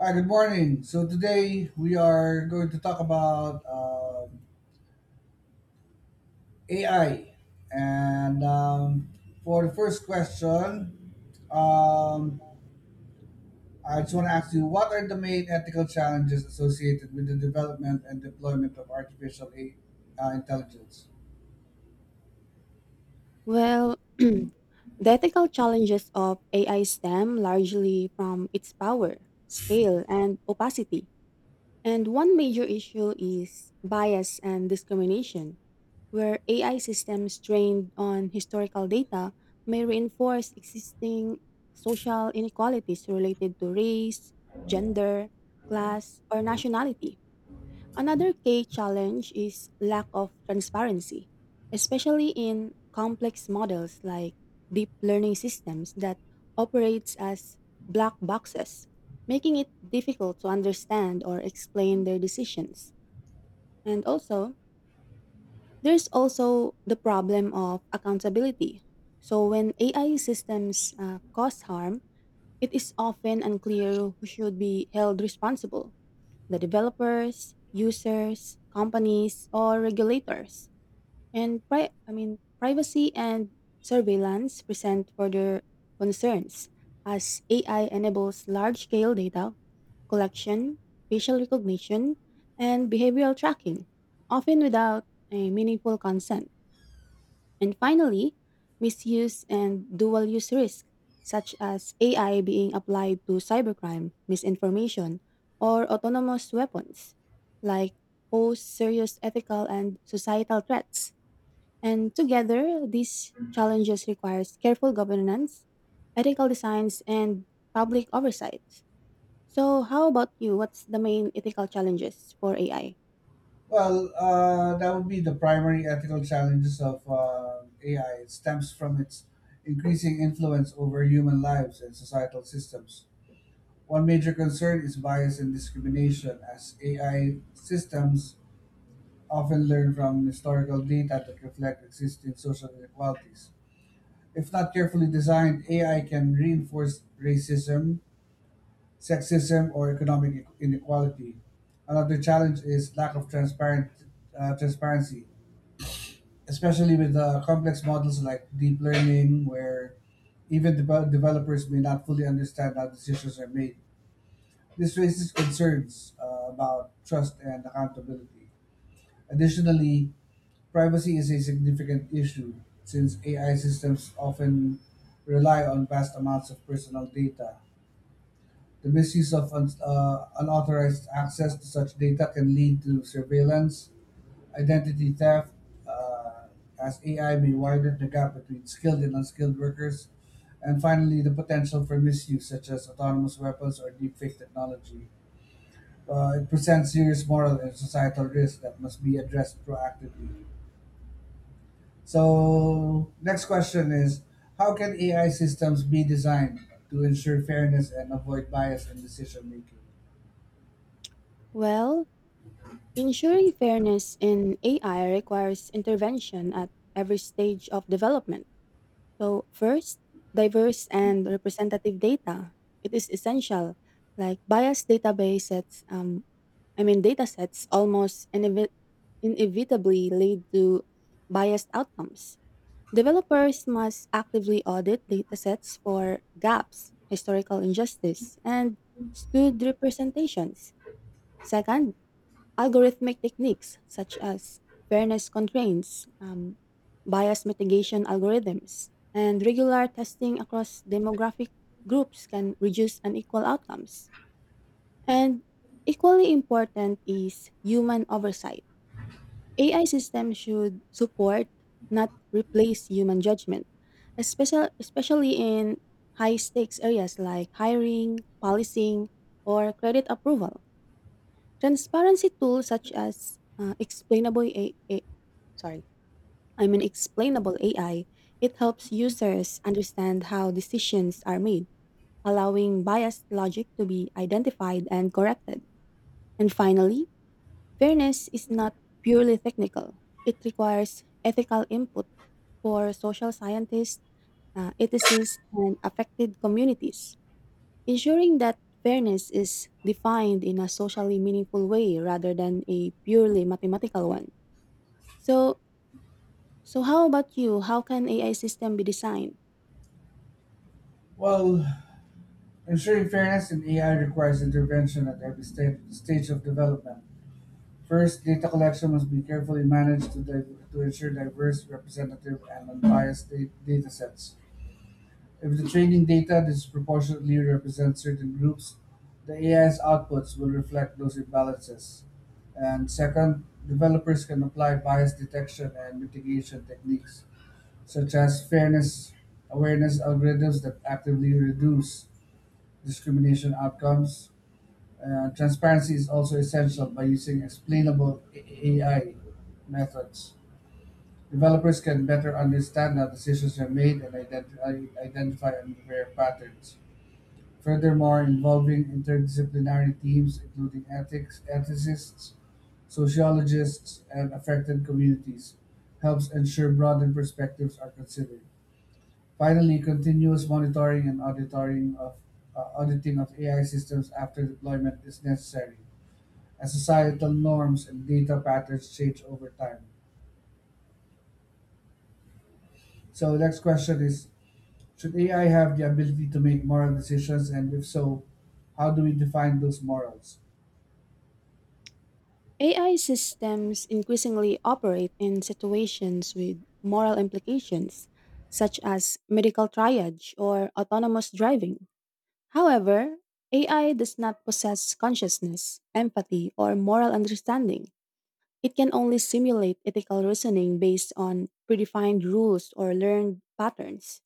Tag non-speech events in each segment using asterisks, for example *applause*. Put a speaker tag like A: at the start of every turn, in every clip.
A: Hi, good morning. So today we are going to talk about AI, and for the first question, um, I just want to ask you: What are the main ethical challenges associated with the development and deployment of artificial intelligence?
B: Well, *clears throat* the ethical challenges of AI stem largely from its power, scale, and opacity. And one major issue is bias and discrimination, where AI systems trained on historical data may reinforce existing social inequalities related to race, gender, class, or nationality. Another key challenge is lack of transparency, especially in complex models like deep learning systems that operates as black boxes, making it difficult to understand or explain their decisions. And also, there's also the problem of accountability. So when AI systems cause harm, it is often unclear who should be held responsible the developers, users, companies, or regulators. And privacy and surveillance present further concerns as AI enables large-scale data collection, facial recognition, and behavioral tracking, often without a meaningful consent. And finally, misuse and dual use risk, such as AI being applied to cybercrime, misinformation, or autonomous weapons, like pose serious ethical and societal threats. And together, these challenges requires careful governance, ethical designs, and public oversight. So, how about you? What's the main ethical challenges for AI?
A: That would be the primary ethical challenges of AI. It stems from its increasing influence over human lives and societal systems. One major concern is bias and discrimination, as AI systems often learn from historical data that reflect existing social inequalities. If not carefully designed, AI can reinforce racism, sexism, or economic inequality. Another challenge is lack of transparent transparency, especially with complex models like deep learning, where even developers may not fully understand how decisions are made. This raises concerns about trust and accountability. Additionally, privacy is a significant issue since AI systems often rely on vast amounts of personal data. The misuse of unauthorized access to such data can lead to surveillance, identity theft, uh, as AI may widen the gap between skilled and unskilled workers, and finally, the potential for misuse such as autonomous weapons or deepfake technology it presents serious moral and societal risks that must be addressed proactively. So, next question is: How can AI systems be designed to ensure fairness and avoid bias in decision making?
B: Well, ensuring fairness in AI requires intervention at every stage of development. So, first, diverse and representative data. It is essential, like biased data sets inevitably lead to biased outcomes. Developers must actively audit datasets for gaps, historical injustice, and skewed representations. Second, algorithmic techniques such as fairness constraints, bias mitigation algorithms, and regular testing across demographic groups can reduce unequal outcomes. And equally important is human oversight. AI systems should support, not replace human judgment, especially in high stakes areas like hiring, policing, or credit approval. Transparency tools such as explainable A- sorry, I mean explainable AI, it helps users understand how decisions are made, allowing biased logic to be identified and corrected. And finally, fairness is not purely technical. It requires ethical input for social scientists, ethicists, and affected communities, ensuring that fairness is defined in a socially meaningful way rather than a purely mathematical one. So, so, how about you? How can AI system be designed?
A: Well, ensuring fairness in AI requires intervention at every stage of development. First, data collection must be carefully managed to ensure diverse, representative, and unbiased data sets. If the training data disproportionately represents certain groups, the AI's outputs will reflect those imbalances. And second, developers can apply bias detection and mitigation techniques, such as fairness awareness algorithms that actively reduce discrimination outcomes. Transparency is also essential by using explainable AI methods. Developers can better understand how decisions are made and identify unfair patterns. Furthermore, involving interdisciplinary teams including ethics, ethicists, sociologists, and affected communities helps ensure broader perspectives are considered. Finally, continuous monitoring and auditing of AI systems after deployment is necessary, as societal norms and data patterns change over time. So, next question is: Should AI have the ability to make moral decisions, and if so, how do we define those morals?
B: AI systems increasingly operate in situations with moral implications, such as medical triage or autonomous driving. However, AI does not possess consciousness, empathy, or moral understanding. It can only simulate ethical reasoning based on predefined rules or learned patterns.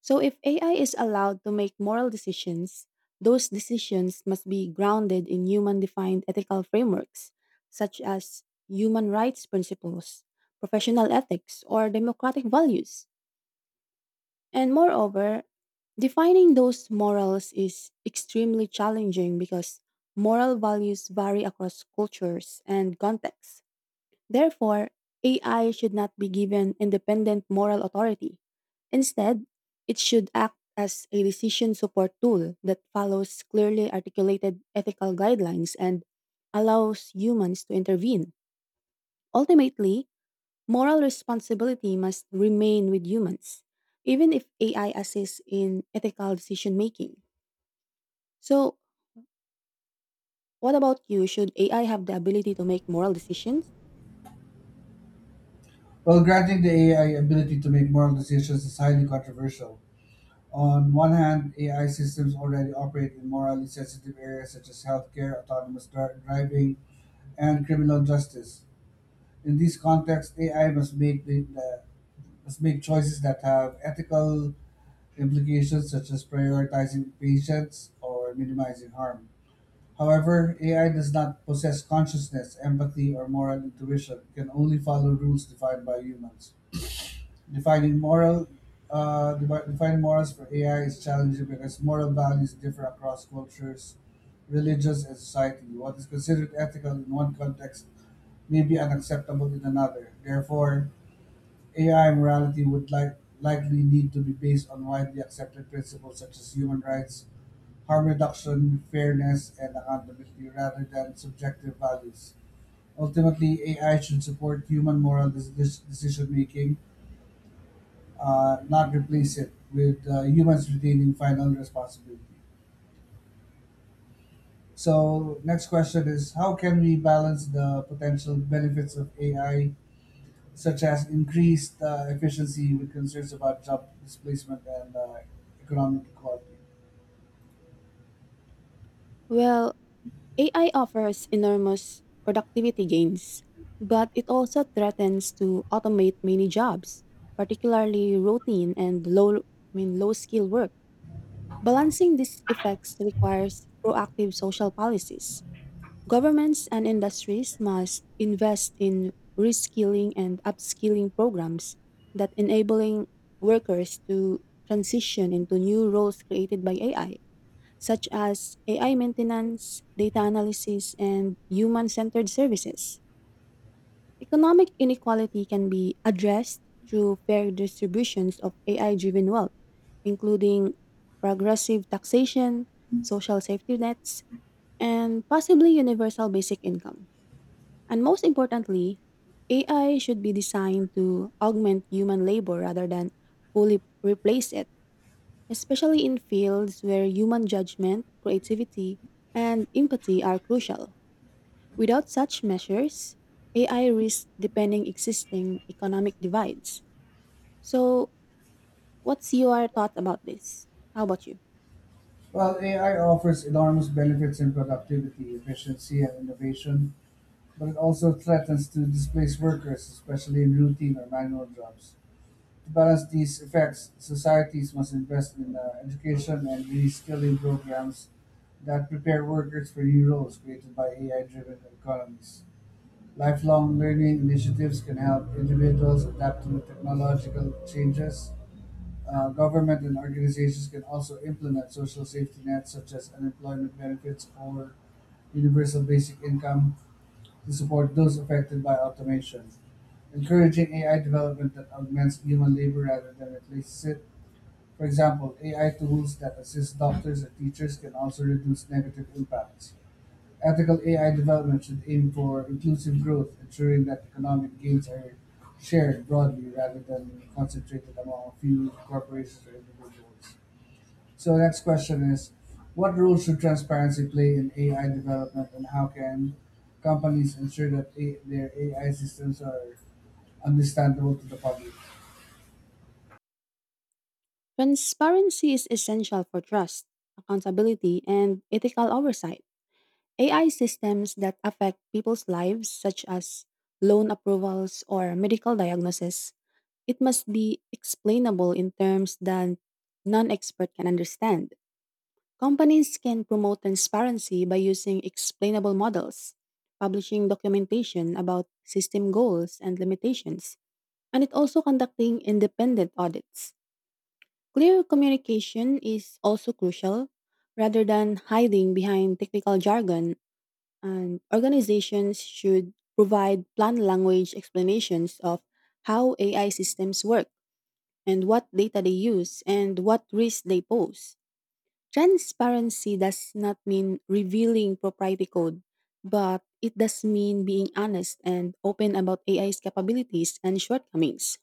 B: So, if AI is allowed to make moral decisions, those decisions must be grounded in human defined ethical frameworks, such as human rights principles, professional ethics, or democratic values. And moreover, defining those morals is extremely challenging because moral values vary across cultures and contexts. Therefore, AI should not be given independent moral authority. Instead, it should act as a decision support tool that follows clearly articulated ethical guidelines and allows humans to intervene. Ultimately, moral responsibility must remain with humans, even if AI assists in ethical decision making. So, what about you? Should AI have the ability to make moral decisions?
A: Well, granting the AI ability to make moral decisions is highly controversial. On one hand, AI systems already operate in morally sensitive areas such as healthcare, autonomous driving, and criminal justice. In these contexts, AI must make the must make choices that have ethical implications, such as prioritizing patients or minimizing harm. However, AI does not possess consciousness, empathy, or moral intuition. It can only follow rules defined by humans. Defining moral defining morals for AI is challenging because moral values differ across cultures, religions, and society. What is considered ethical in one context may be unacceptable in another. Therefore, AI morality would likely need to be based on widely accepted principles such as human rights, harm reduction, fairness, and accountability rather than subjective values. Ultimately, AI should support human moral decision making, not replace it, with humans retaining final responsibility. So, next question is: how can we balance the potential benefits of AI, such as increased efficiency, with concerns about job displacement and economic equality?
B: Well, AI offers enormous productivity gains, but it also threatens to automate many jobs, particularly routine and low I mean low skill work. Balancing these effects requires proactive social policies. Governments and industries must invest in reskilling and upskilling programs that enabling workers to transition into new roles created by AI such as AI maintenance, data analysis, and human centered services. Economic inequality can be addressed through fair distributions of AI driven wealth, including progressive taxation, social safety nets, and possibly universal basic income. And most importantly, AI should be designed to augment human labor rather than fully replace it especially in fields where human judgment, creativity, and empathy are crucial. Without such measures, AI risks deepening existing economic divides. So, what's your thought about this? How about you?
A: Well, AI offers enormous benefits in productivity, efficiency, and innovation, but it also threatens to displace workers, especially in routine or manual jobs. To balance these effects, societies must invest in education and reskilling programs that prepare workers for new roles created by AI driven economies. Lifelong learning initiatives can help individuals adapt to technological changes. Government and organizations can also implement social safety nets such as unemployment benefits or universal basic income to support those affected by automation. Encouraging AI development that augments human labor rather than replaces it. For example, AI tools that assist doctors and teachers can also reduce negative impacts. Ethical AI development should aim for inclusive growth, ensuring that economic gains are shared broadly rather than concentrated among a few corporations or individuals. So next question is, what role should transparency play in AI development, and how can companies ensure that their AI systems are understandable to the public?
B: Transparency is essential for trust, accountability, and ethical oversight. AI systems that affect people's lives, such as loan approvals or medical diagnosis, it must be explainable in terms that non expert can understand. Companies can promote transparency by using explainable models, publishing documentation about system goals and limitations, and it also conducting independent audits. Clear communication is also crucial. Rather than hiding behind technical jargon, and organizations should provide plain language explanations of how AI systems work and what data they use and what risks they pose. Transparency does not mean revealing proprietary code, but it does mean being honest and open about AI's capabilities and shortcomings.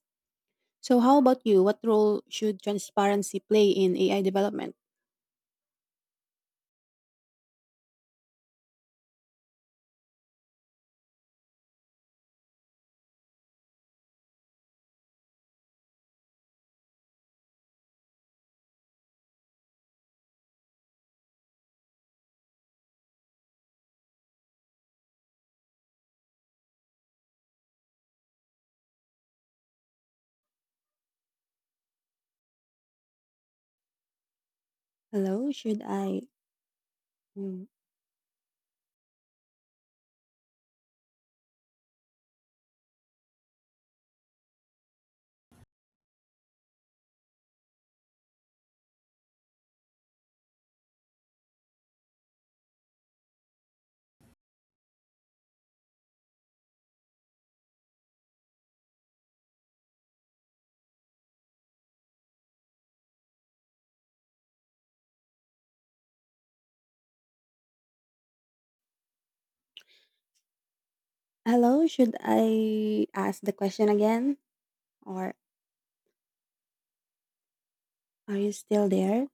B: So, how about you? What role should transparency play in AI development? Hello, should I? mm, Hello, should I ask the question again? Or are you still there?